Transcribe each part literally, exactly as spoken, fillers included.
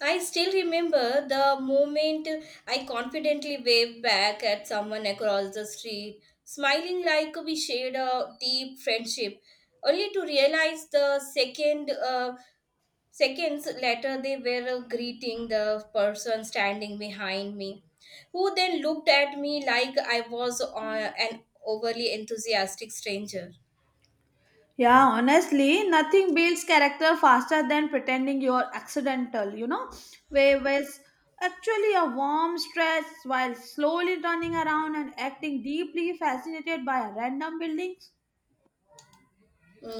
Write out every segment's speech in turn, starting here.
I still remember the moment I confidently waved back at someone across the street, smiling like we shared a deep friendship, only to realize the second uh, seconds later they were uh, greeting the person standing behind me, who then looked at me like I was uh, an overly enthusiastic stranger. Yeah, honestly, nothing builds character faster than pretending you're accidental, you know, where was actually a warm stress while slowly turning around and acting deeply fascinated by a random building.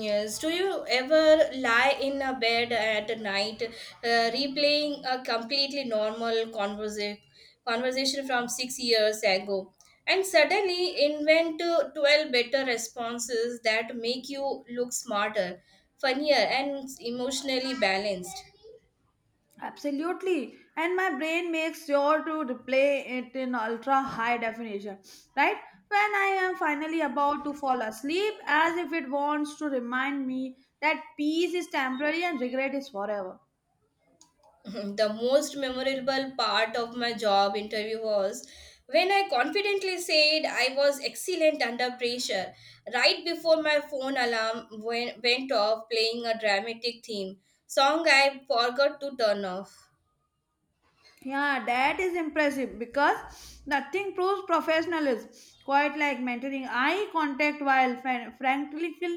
Yes. Do you ever lie in a bed at night, uh, replaying a completely normal conversa- conversation from six years ago, and suddenly invent uh, twelve better responses that make you look smarter, funnier, and emotionally balanced? Absolutely. And my brain makes sure to replay it in ultra high definition, right? When I am finally about to fall asleep, as if it wants to remind me that peace is temporary and regret is forever. The most memorable part of my job interview was when I confidently said I was excellent under pressure right before my phone alarm went, went off playing a dramatic theme song I forgot to turn off. Yeah, that is impressive because nothing proves professionalism quite like maintaining eye contact while fran- frankly feel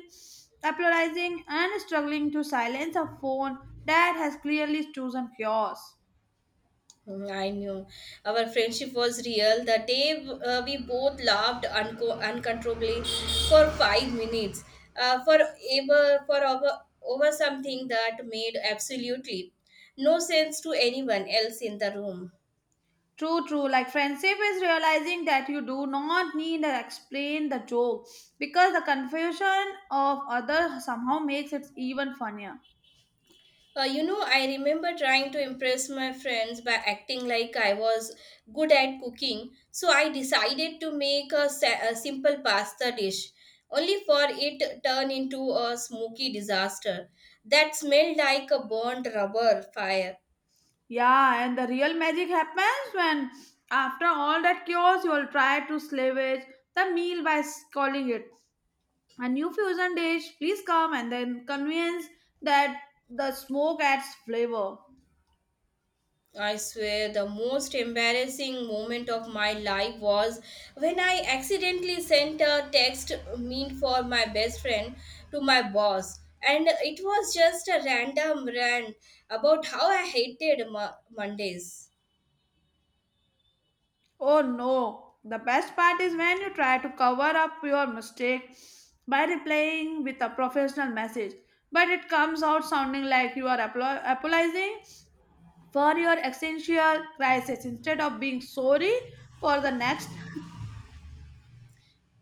apologizing and struggling to silence a phone that has clearly chosen yours. Mm, I knew our friendship was real. The day uh, we both laughed unco- uncontrollably for five minutes, uh, for ever for over, over something that made absolutely no sense to anyone else in the room. True, true. Like friendship is realizing that you do not need to explain the joke because the confusion of others somehow makes it even funnier. Uh, you know, I remember trying to impress my friends by acting like I was good at cooking. So I decided to make a, sa- a simple pasta dish, only for it turn into a smoky disaster that smelled like a burnt rubber fire. Yeah, and the real magic happens when, after all that chaos, you'll try to salvage the meal by s- calling it a new fusion dish. Please come, and then convince that the smoke adds flavor. I swear the most embarrassing moment of my life was when I accidentally sent a text meant for my best friend to my boss. And it was just a random rant about how I hated Mo- Mondays. Oh no! The best part is when you try to cover up your mistake by replying with a professional message, but it comes out sounding like you are apolo- apologizing for your existential crisis instead of being sorry for the next.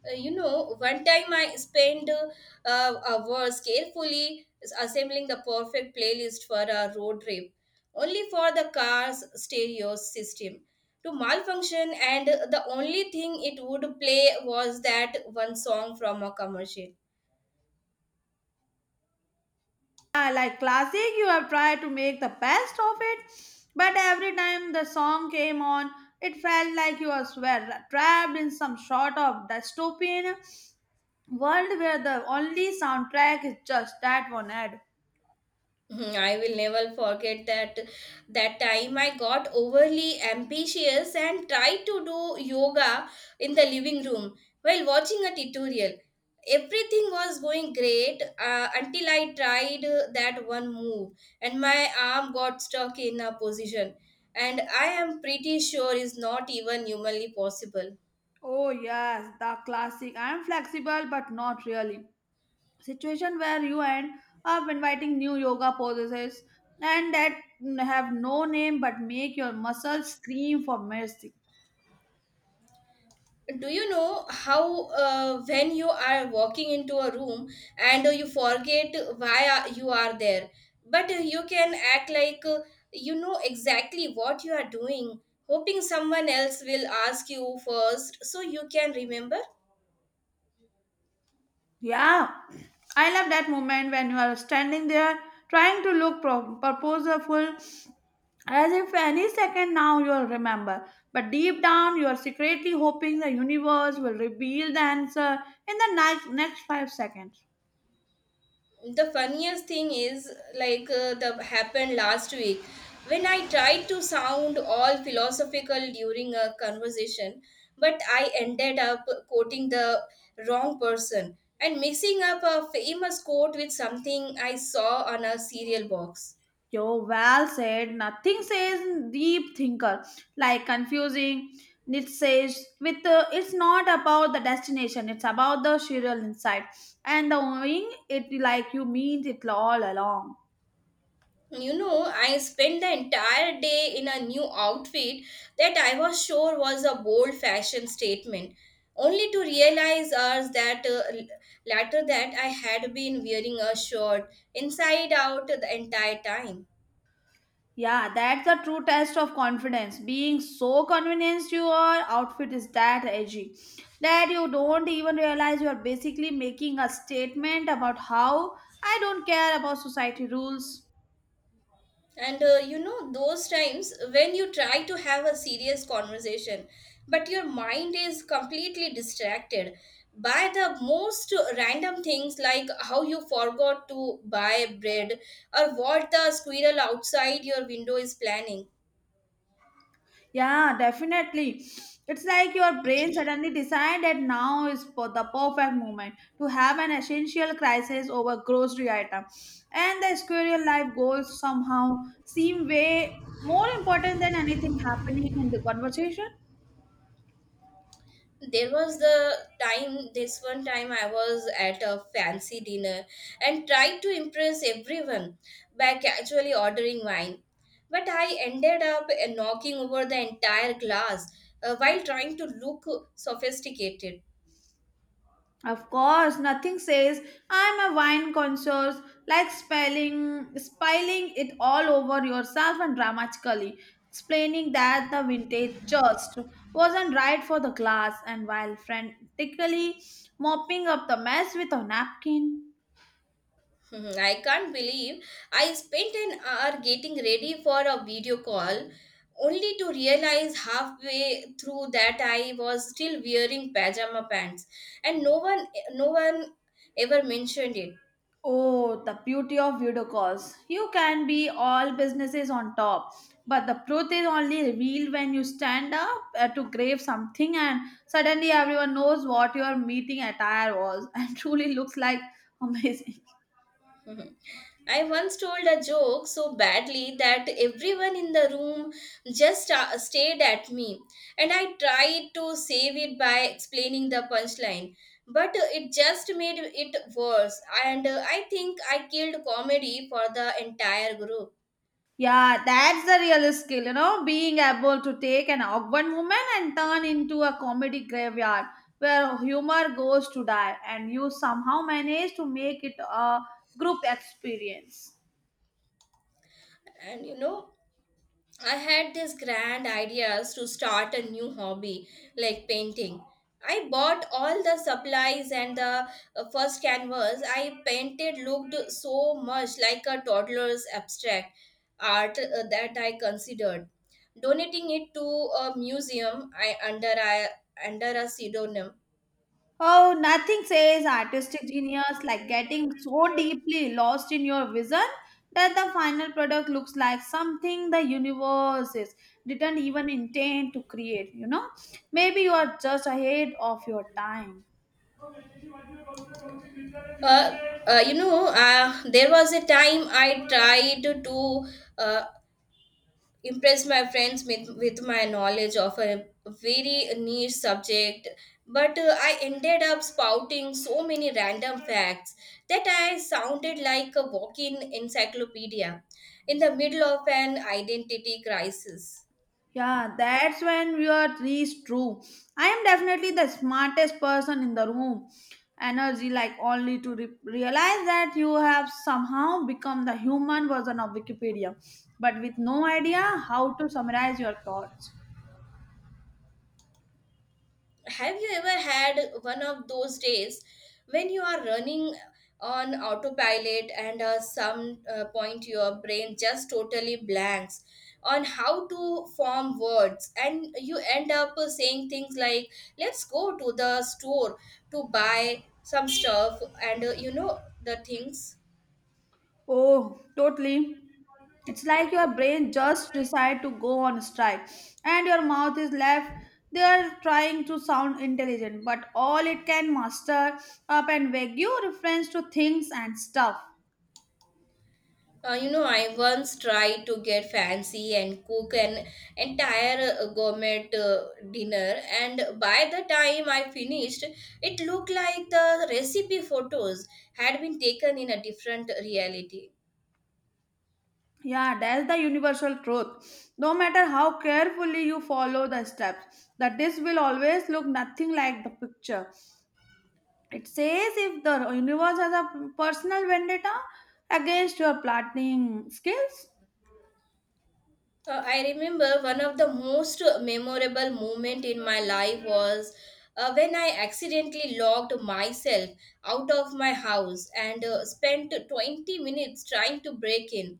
Uh, you know, one time I spent uh, uh, hours carefully assembling the perfect playlist for a road trip, only for the car's stereo system to malfunction, and the only thing it would play was that one song from a commercial. Yeah, like classic, you have tried to make the best of it, but every time the song came on, it felt like you were swear- trapped in some sort of dystopian world where the only soundtrack is just that one ad. Mhm, I will never forget that that time I got overly ambitious and tried to do yoga in the living room while watching a tutorial. Everything was going great uh, until I tried uh, that one move and my arm got stuck in a position and I am pretty sure is not even humanly possible. Oh yes, the classic. I am flexible, but not really. Situation where you end up inviting new yoga poses and that have no name but make your muscles scream for mercy. Do you know how uh, when you are walking into a room and uh, you forget why are- you are there but uh, you can act like uh, you know exactly what you are doing, hoping someone else will ask you first so you can remember. Yeah, I love that moment when you are standing there trying to look pro- purposeful as if any second now you'll remember. But deep down, you're secretly hoping the universe will reveal the answer in the next, next five seconds. The funniest thing is like uh, the happened last week when I tried to sound all philosophical during a conversation, but I ended up quoting the wrong person and mixing up a famous quote with something I saw on a cereal box. Yo, well said. Nothing says deep thinker like confusing. It says with uh, it's not about the destination; it's about the serial insight and the knowing it like you mean it all along. You know, I spent the entire day in a new outfit that I was sure was a bold fashion statement, only to realize hours that uh, l- later that I had been wearing a shirt inside out the entire time. Yeah, that's the true test of confidence. Being so convinced your outfit is that edgy that you don't even realize you are basically making a statement about how I don't care about society rules. And uh, you know, those times when you try to have a serious conversation, but your mind is completely distracted by the most random things like how you forgot to buy bread or what the squirrel outside your window is planning. Yeah, definitely. It's like your brain suddenly decided that now is for the perfect moment to have an essential crisis over grocery item, and the squirrel life goals somehow seem way more important than anything happening in the conversation. There was the time this one time I was at a fancy dinner and tried to impress everyone by casually ordering wine, but I ended up uh, knocking over the entire glass uh, while trying to look sophisticated. Of course, nothing says I'm a wine connoisseur like spelling spilling it all over yourself and dramatically explaining that the vintage just wasn't right for the glass and while frantically mopping up the mess with a napkin. Mhm, I can't believe I spent an hour getting ready for a video call only to realize halfway through that I was still wearing pajama pants and no one no one ever mentioned it. Oh, the beauty of video calls. You can be all businesses on top, but the truth is only revealed when you stand up uh, to grave something and suddenly everyone knows what your meeting attire was and truly looks like amazing. Mm-hmm. I once told a joke so badly that everyone in the room just uh, stared at me, and I tried to save it by explaining the punchline. But uh, it just made it worse, and uh, I think I killed comedy for the entire group. Yeah, that's the real skill, you know, being able to take an awkward moment and turn into a comedy graveyard where humor goes to die and you somehow manage to make it a group experience. And you know, I had these grand ideas to start a new hobby like painting. I bought all the supplies, and the uh, first canvas I painted looked so much like a toddler's abstract art uh, that I considered donating it to a museum I under I under a pseudonym. Oh, nothing says artistic genius like getting so deeply lost in your vision that the final product looks like something the universe is didn't even intend to create, you know? Maybe you are just ahead of your time. Uh, uh, you know, uh, there was a time I tried to uh, impress my friends with, with my knowledge of a very niche subject, but uh, I ended up spouting so many random facts that I sounded like a walking encyclopedia in the middle of an identity crisis. Yeah, that's when you are least true. I am definitely the smartest person in the room. Energy, like only to re- realize that you have somehow become the human version of Wikipedia, but with no idea how to summarize your thoughts. Have you ever had one of those days when you are running on autopilot and at some uh, point your brain just totally blanks on how to form words and you end up uh, saying things like, "Let's go to the store to buy some stuff and uh, you know, the things." Oh, totally. It's like your brain just decide to go on strike, and your mouth is left there trying to sound intelligent, but all it can muster up and vague reference to things and stuff. Uh, you know, I once tried to get fancy and cook an entire uh, gourmet uh, dinner, and by the time I finished, it looked like the recipe photos had been taken in a different reality. Yeah, that's the universal truth. No matter how carefully you follow the steps, the disk will always look nothing like the picture. It says if the universe has a personal vendetta against your planning skills. Uh, I remember one of the most memorable moment in my life was uh, when I accidentally locked myself out of my house and uh, spent twenty minutes trying to break in,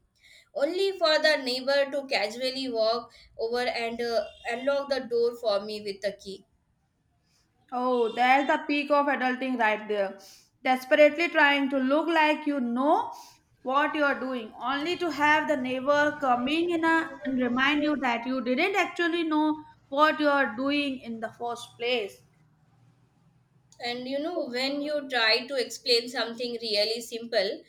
only for the neighbor to casually walk over and uh, unlock the door for me with a key. Oh, there's the peak of adulting right there. Desperately trying to look like you know what you are doing, only to have the neighbor coming in a, and remind you that you didn't actually know what you are doing in the first place. And you know, when you try to explain something really simple,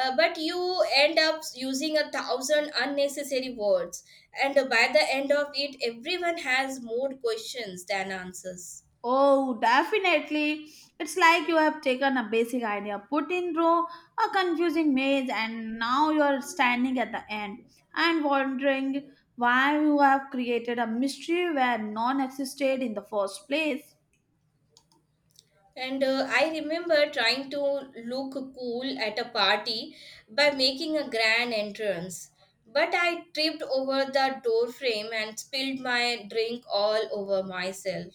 uh, but you end up using a thousand unnecessary words, and by the end of it, everyone has more questions than answers. Oh, definitely. It's like you have taken a basic idea, put in row a confusing maze, and now you're standing at the end and wondering why you have created a mystery where none existed in the first place. And uh, I remember trying to look cool at a party by making a grand entrance, but I tripped over the door frame and spilled my drink all over myself.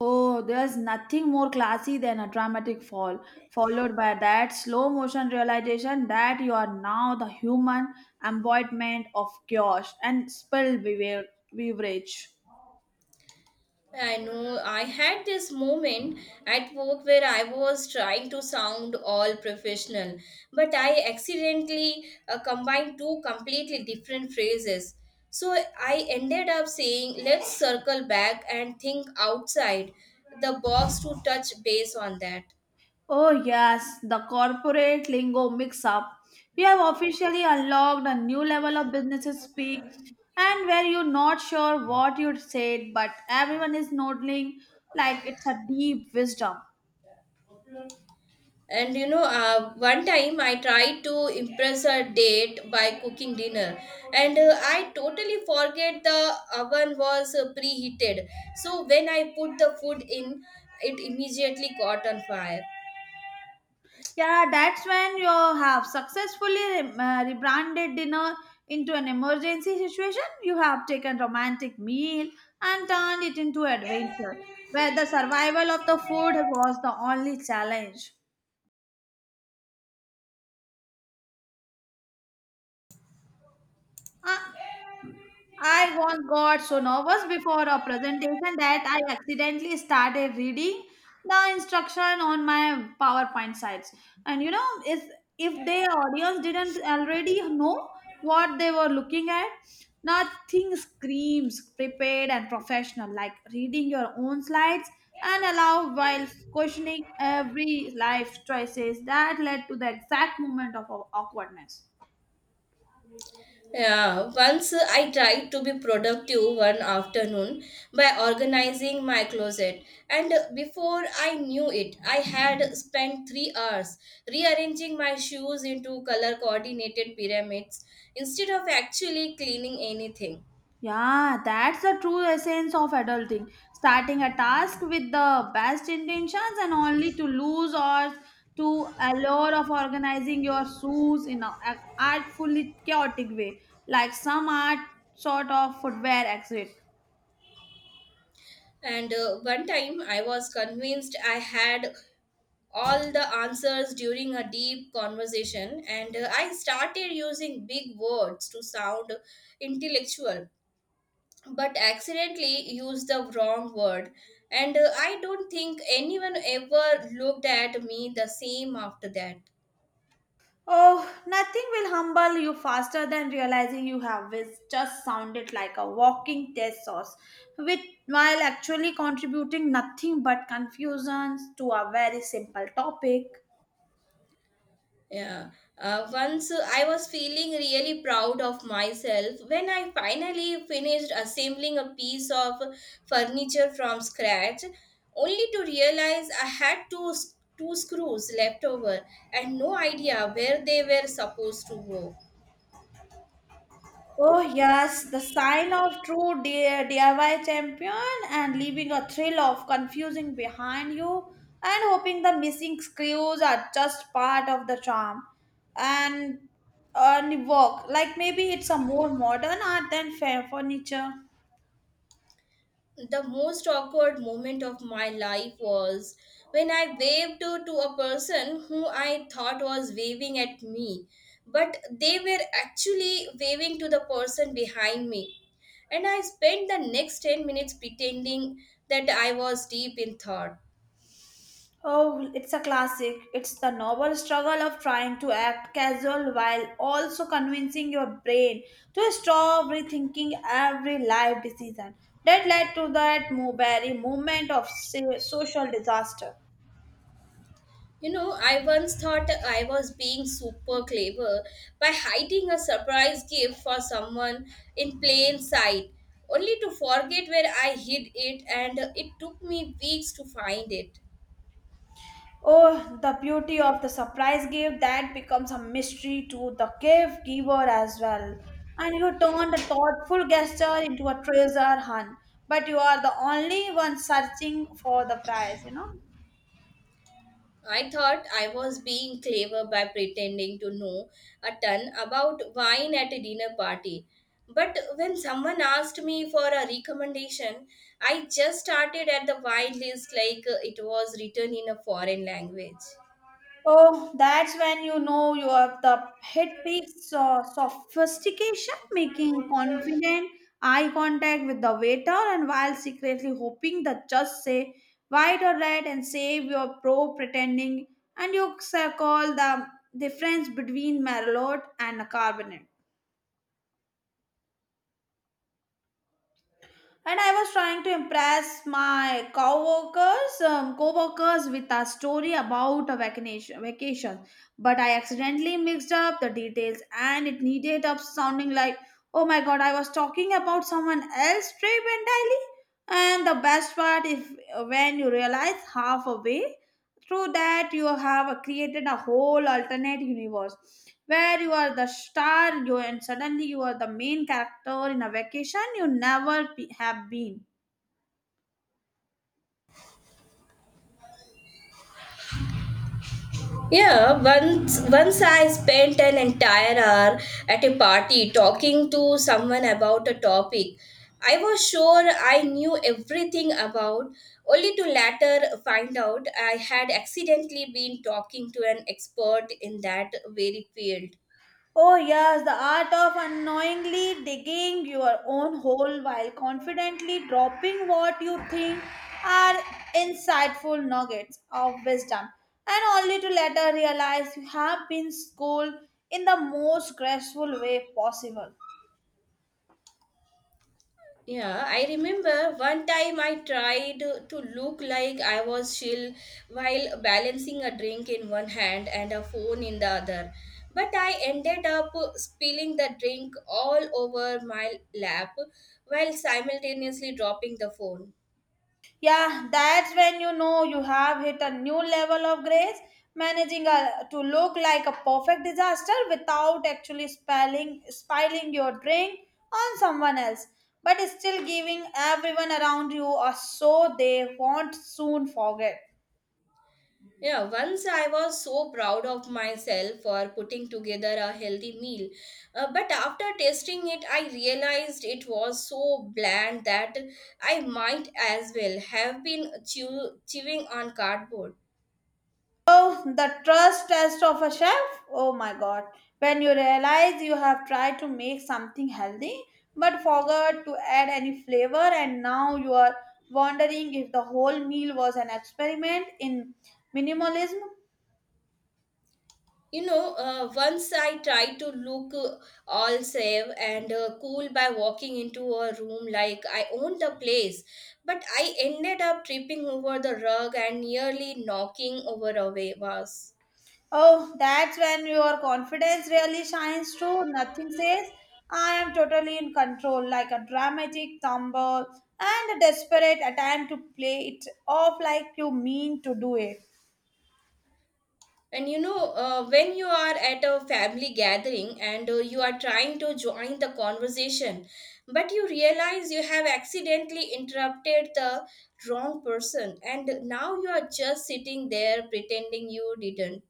Oh, there's nothing more classy than a dramatic fall, followed by that slow motion realization that you are now the human embodiment of chaos and spilled bever- beverage. I know I had this moment at work where I was trying to sound all professional, but I accidentally uh, combined two completely different phrases. So I ended up saying, "Let's circle back and think outside the box to touch base on that." Oh, yes, the corporate lingo mix up. We have officially unlocked a new level of businesses speak, and where you're not sure what you said, but everyone is nodding like it's a deep wisdom. And you know, uh, one time I tried to impress a date by cooking dinner, and uh, I totally forget the oven was uh, preheated. So when I put the food in, it immediately caught on fire. Yeah, that's when you have successfully re- uh, rebranded dinner into an emergency situation. You have taken romantic meal and turned it into adventure, where the survival of the food was the only challenge. Uh, I once got so nervous before a presentation that I accidentally started reading the instruction on my PowerPoint slides. And you know, if, if the audience didn't already know what they were looking at, nothing screams prepared and professional like reading your own slides and allow while questioning every life choices that led to the exact moment of aw- awkwardness. Yeah, once uh, I tried to be productive one afternoon by organizing my closet, and uh, before I knew it, I had spent three hours rearranging my shoes into color coordinated pyramids instead of actually cleaning anything. Yeah, that's the true essence of adulting. Starting a task with the best intentions and only to lose or to allure of organizing your shoes in a- an artfully chaotic way, like some art sort of footwear exit. And uh, one time I was convinced I had all the answers during a deep conversation, and uh, I started using big words to sound intellectual, but accidentally used the wrong word, and uh, I don't think anyone ever looked at me the same after that. Oh, nothing will humble you faster than realizing you have whis- just sounded like a walking test source, with while actually contributing nothing but confusions to a very simple topic. Yeah, uh, once uh, I was feeling really proud of myself when I finally finished assembling a piece of furniture from scratch, only to realize I had two s- two screws left over and no idea where they were supposed to go. Oh, yes, the sign of true D- DIY champion and leaving a thrill of confusing behind you and hoping the missing screws are just part of the charm and, and work. Like maybe it's a more modern art than fair furniture. The most awkward moment of my life was when I waved to, to a person who I thought was waving at me, but they were actually waving to the person behind me. And I spent the next ten minutes pretending that I was deep in thought. Oh, it's a classic. It's the novel struggle of trying to act casual while also convincing your brain to stop rethinking every life decision. That led to that mo- very moment of si- social disaster. You know, I once thought I was being super clever by hiding a surprise gift for someone in plain sight, only to forget where I hid it, and it took me weeks to find it. Oh, the beauty of the surprise gift that becomes a mystery to the gift giver as well. And you turn the thoughtful gesture into a treasure hunt, but you are the only one searching for the prize, you know. I thought I was being clever by pretending to know a ton about wine at a dinner party. But when someone asked me for a recommendation, I just started at the wine list like uh, it was written in a foreign language. Oh, that's when you know you have the hit peak so- sophistication, making confident eye contact with the waiter and while secretly hoping that just say white or red and save your pro pretending and you s- call the difference between Merlot and a carbonate. And I was trying to impress my coworkers, um, co-workers with a story about a vacation, vacation. But I accidentally mixed up the details, and it needed up sounding like, "Oh my God, I was talking about someone else's trip entirely." And the best part, if when you realize halfway through that you have created a whole alternate universe where you are the star you and suddenly you are the main character in a vacation you never be, have been. Yeah, once once I spent an entire hour at a party talking to someone about a topic I was sure I knew everything about, only to later find out I had accidentally been talking to an expert in that very field. Oh yes, the art of unknowingly digging your own hole while confidently dropping what you think are insightful nuggets of wisdom and only to later realize you have been schooled in the most graceful way possible. Yeah, I remember one time I tried to look like I was chill while balancing a drink in one hand and a phone in the other. But I ended up spilling the drink all over my lap while simultaneously dropping the phone. Yeah, that's when you know you have hit a new level of grace, managing a, to look like a perfect disaster without actually spilling, spilling your drink on someone else, but still giving everyone around you a so they won't soon forget. Yeah, once I was so proud of myself for putting together a healthy meal. Uh, but after tasting it, I realized it was so bland that I might as well have been chew- chewing on cardboard. Oh, the trust test of a chef? Oh my god. When you realize you have tried to make something healthy but forgot to add any flavor, and now you are wondering if the whole meal was an experiment in minimalism. You know, uh, once I tried to look uh, all safe and uh, cool by walking into a room like I owned the place, but I ended up tripping over the rug and nearly knocking over a wa- vase. Oh, that's when your confidence really shines through. Nothing says, I am totally in control, like a dramatic tumble and a desperate attempt to play it off like you mean to do it. And you know, uh, when you are at a family gathering and uh, you are trying to join the conversation, but you realize you have accidentally interrupted the wrong person, and now you are just sitting there pretending you didn't.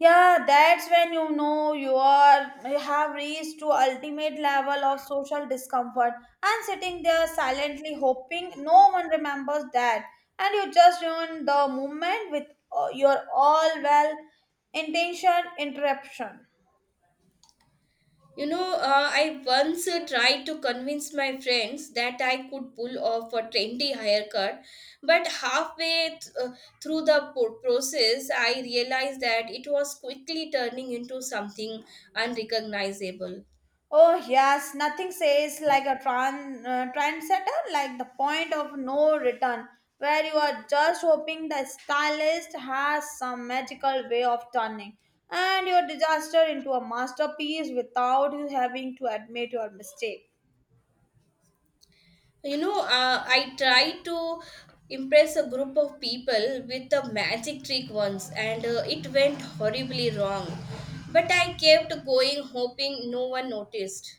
Yeah, that's when you know you are you have reached to ultimate level of social discomfort and sitting there silently hoping no one remembers that and you just ruin the moment with uh, your all well intention interruption. You know, uh, I once uh, tried to convince my friends that I could pull off a trendy haircut, but halfway th- uh, through the po- process, I realized that it was quickly turning into something unrecognizable. Oh, yes, nothing says like a tran- uh, trendsetter, like the point of no return, where you are just hoping the stylist has some magical way of turning and your disaster into a masterpiece without you having to admit your mistake. You know, uh, I tried to impress a group of people with a magic trick once, and uh, it went horribly wrong. But I kept going, hoping no one noticed.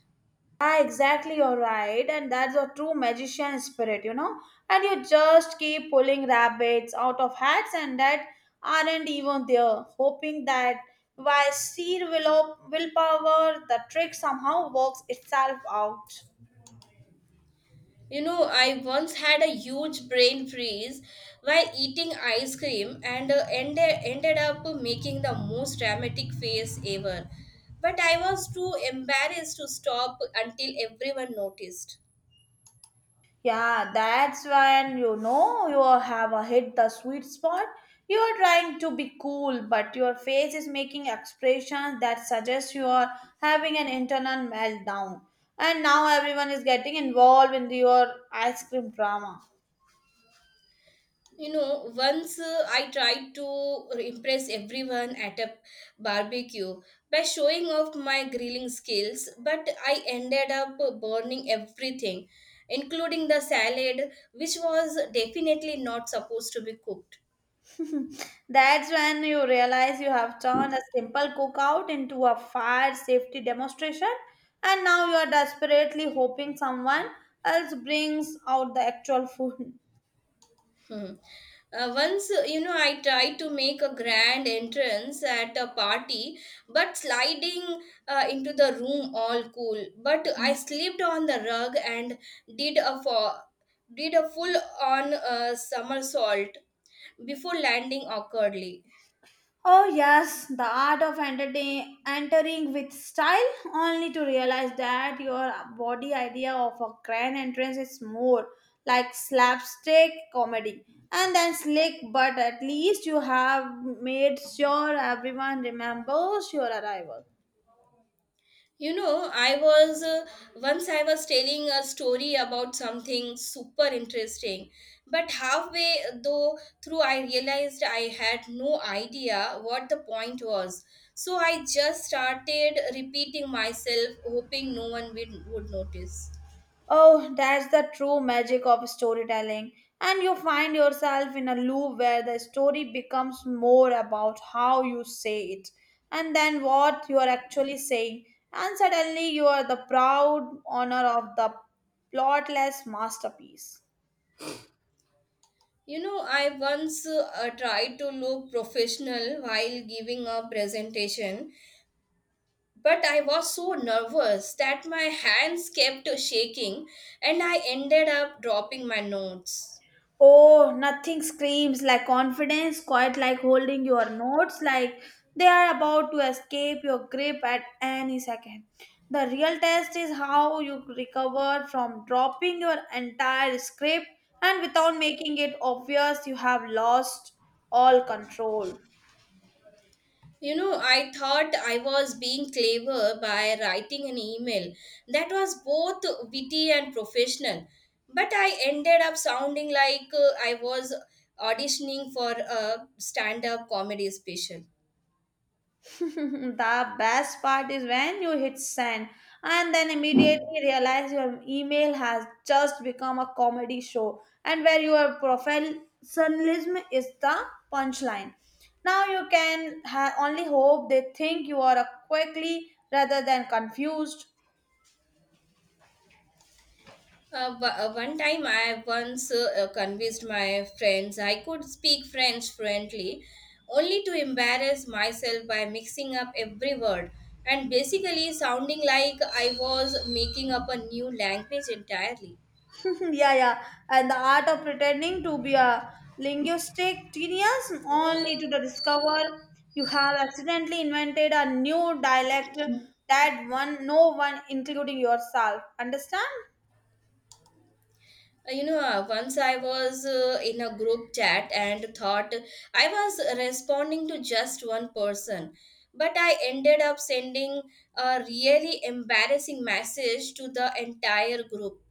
Ah, exactly, you're right. And that's a true magician spirit, you know. And you just keep pulling rabbits out of hats and that aren't even there, hoping that by sheer will willpower, the trick somehow works itself out. You know, I once had a huge brain freeze while eating ice cream and uh, ended, ended up making the most dramatic face ever. But I was too embarrassed to stop until everyone noticed. Yeah, that's when you know you have uh, hit the sweet spot. You're trying to be cool, but your face is making expressions that suggest you are having an internal meltdown. And now everyone is getting involved in your ice cream drama. You know, once uh, I tried to impress everyone at a barbecue by showing off my grilling skills, but I ended up burning everything, including the salad, which was definitely not supposed to be cooked. That's when you realize you have turned a simple cookout into a fire safety demonstration, and now you are desperately hoping someone else brings out the actual food. Hmm. Uh, once, uh, you know, I tried to make a grand entrance at a party, but sliding uh, into the room all cool. But I slipped on the rug and did a fo- did a full on uh, somersault before landing awkwardly. Oh, yes, the art of entertain, entering with style, only to realize that your body idea of a grand entrance is more like slapstick comedy and then slick, but at least you have made sure everyone remembers your arrival. You know, I was uh, once I was telling a story about something super interesting, but halfway uh, though through I realized I had no idea what the point was. So I just started repeating myself, hoping no one would, would notice. Oh, that's the true magic of storytelling. And you find yourself in a loop where the story becomes more about how you say it and then what you are actually saying. And suddenly you are the proud owner of the plotless masterpiece. You know, I once uh, tried to look professional while giving a presentation. But I was so nervous that my hands kept shaking and I ended up dropping my notes. Oh, nothing screams like confidence, quite like holding your notes, like they are about to escape your grip at any second. The real test is how you recover from dropping your entire script and without making it obvious you have lost all control. You know, I thought I was being clever by writing an email that was both witty and professional. But I ended up sounding like uh, I was auditioning for a stand up comedy special. The best part is when you hit send and then immediately realize your email has just become a comedy show and where your professionalism is the punchline. Now you can ha- only hope they think you are a quickly rather than confused. Uh, bu- uh, one time I once uh, uh, convinced my friends I could speak French fluently, only to embarrass myself by mixing up every word and basically sounding like I was making up a new language entirely. yeah, yeah. And the art of pretending to be a linguistic genius only to discover you have accidentally invented a new dialect that one no one including yourself understand. Uh, You know, uh, once I was uh, in a group chat and thought I was responding to just one person, but I ended up sending a really embarrassing message to the entire group.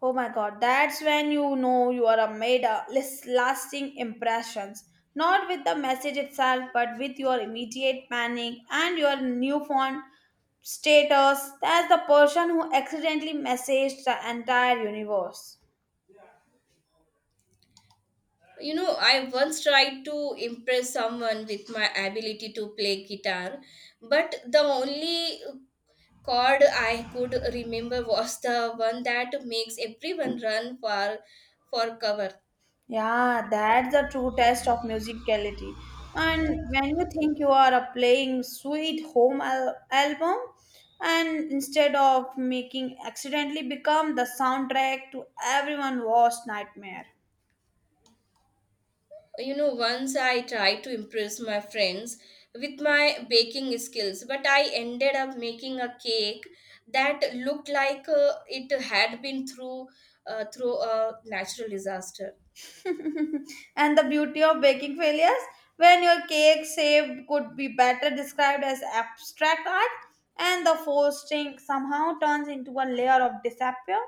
Oh my god, that's when you know you are a made a lis- lasting impressions, not with the message itself but with your immediate panic and your newfound status as the person who accidentally messaged the entire universe. You know, I once tried to impress someone with my ability to play guitar, but the only chord I could remember was the one that makes everyone run for for cover. Yeah, that's the true test of musicality. And when you think you are uh, playing sweet home al- album, and instead of making accidentally become the soundtrack to everyone worst nightmare. You know, once I tried to impress my friends with my baking skills, but I ended up making a cake that looked like uh, it had been through uh, through a natural disaster. And the beauty of baking failures, when your cake shape could be better described as abstract art, and the frosting somehow turns into a layer of disappear.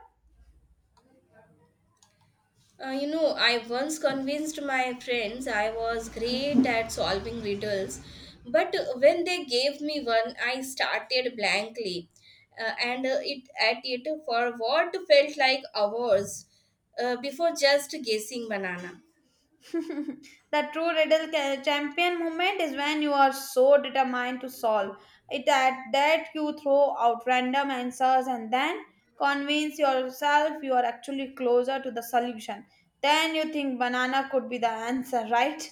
Uh, you know, I once convinced my friends I was great at solving riddles, but when they gave me one, I started blankly, uh, and uh, it at it for what felt like hours uh, before just guessing banana. The true riddle ca- champion moment is when you are so determined to solve it that, that you throw out random answers and then convince yourself you are actually closer to the solution. Then you think banana could be the answer, right?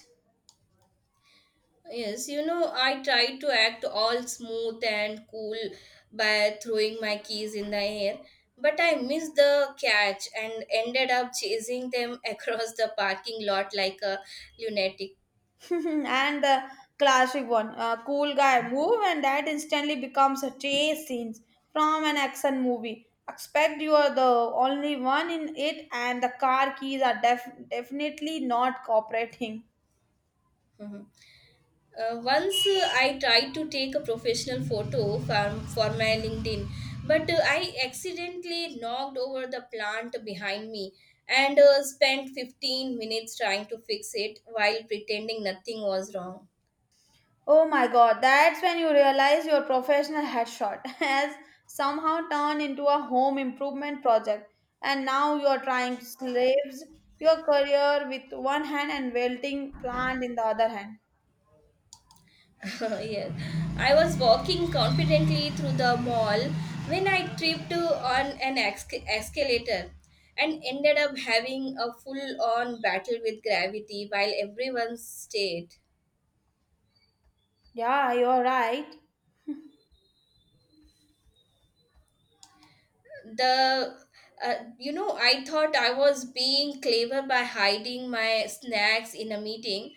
Yes, you know, I tried to act all smooth and cool by throwing my keys in the air, but I missed the catch and ended up chasing them across the parking lot like a lunatic. And the classic one uh, cool guy move and that instantly becomes a chase scene from an action movie expect you are the only one in it and the car keys are def- definitely not cooperating. Mhm. Uh, once uh, I tried to take a professional photo from, for my LinkedIn, but uh, I accidentally knocked over the plant behind me and uh, spent fifteen minutes trying to fix it while pretending nothing was wrong. Oh my god, that's when you realize your professional headshot has somehow turned into a home improvement project and now you are trying to slaves your career with one hand and wilting plant in the other hand. Yes. I was walking confidently through the mall when I tripped uh, on an esca- escalator and ended up having a full on battle with gravity while everyone stared. Yeah, you're right. The uh, You know, I thought I was being clever by hiding my snacks in a meeting,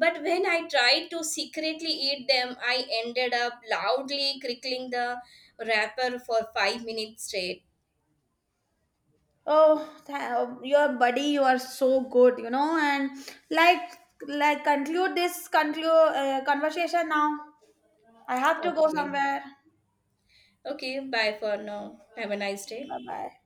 but when I tried to secretly eat them, I ended up loudly crickling the wrapper for five minutes straight. Oh, tha- um, your buddy, you are so good, you know. And like, like, conclude this conclude uh, conversation now. I have to go Okay. somewhere. Okay, bye for now, have a nice day. Bye bye.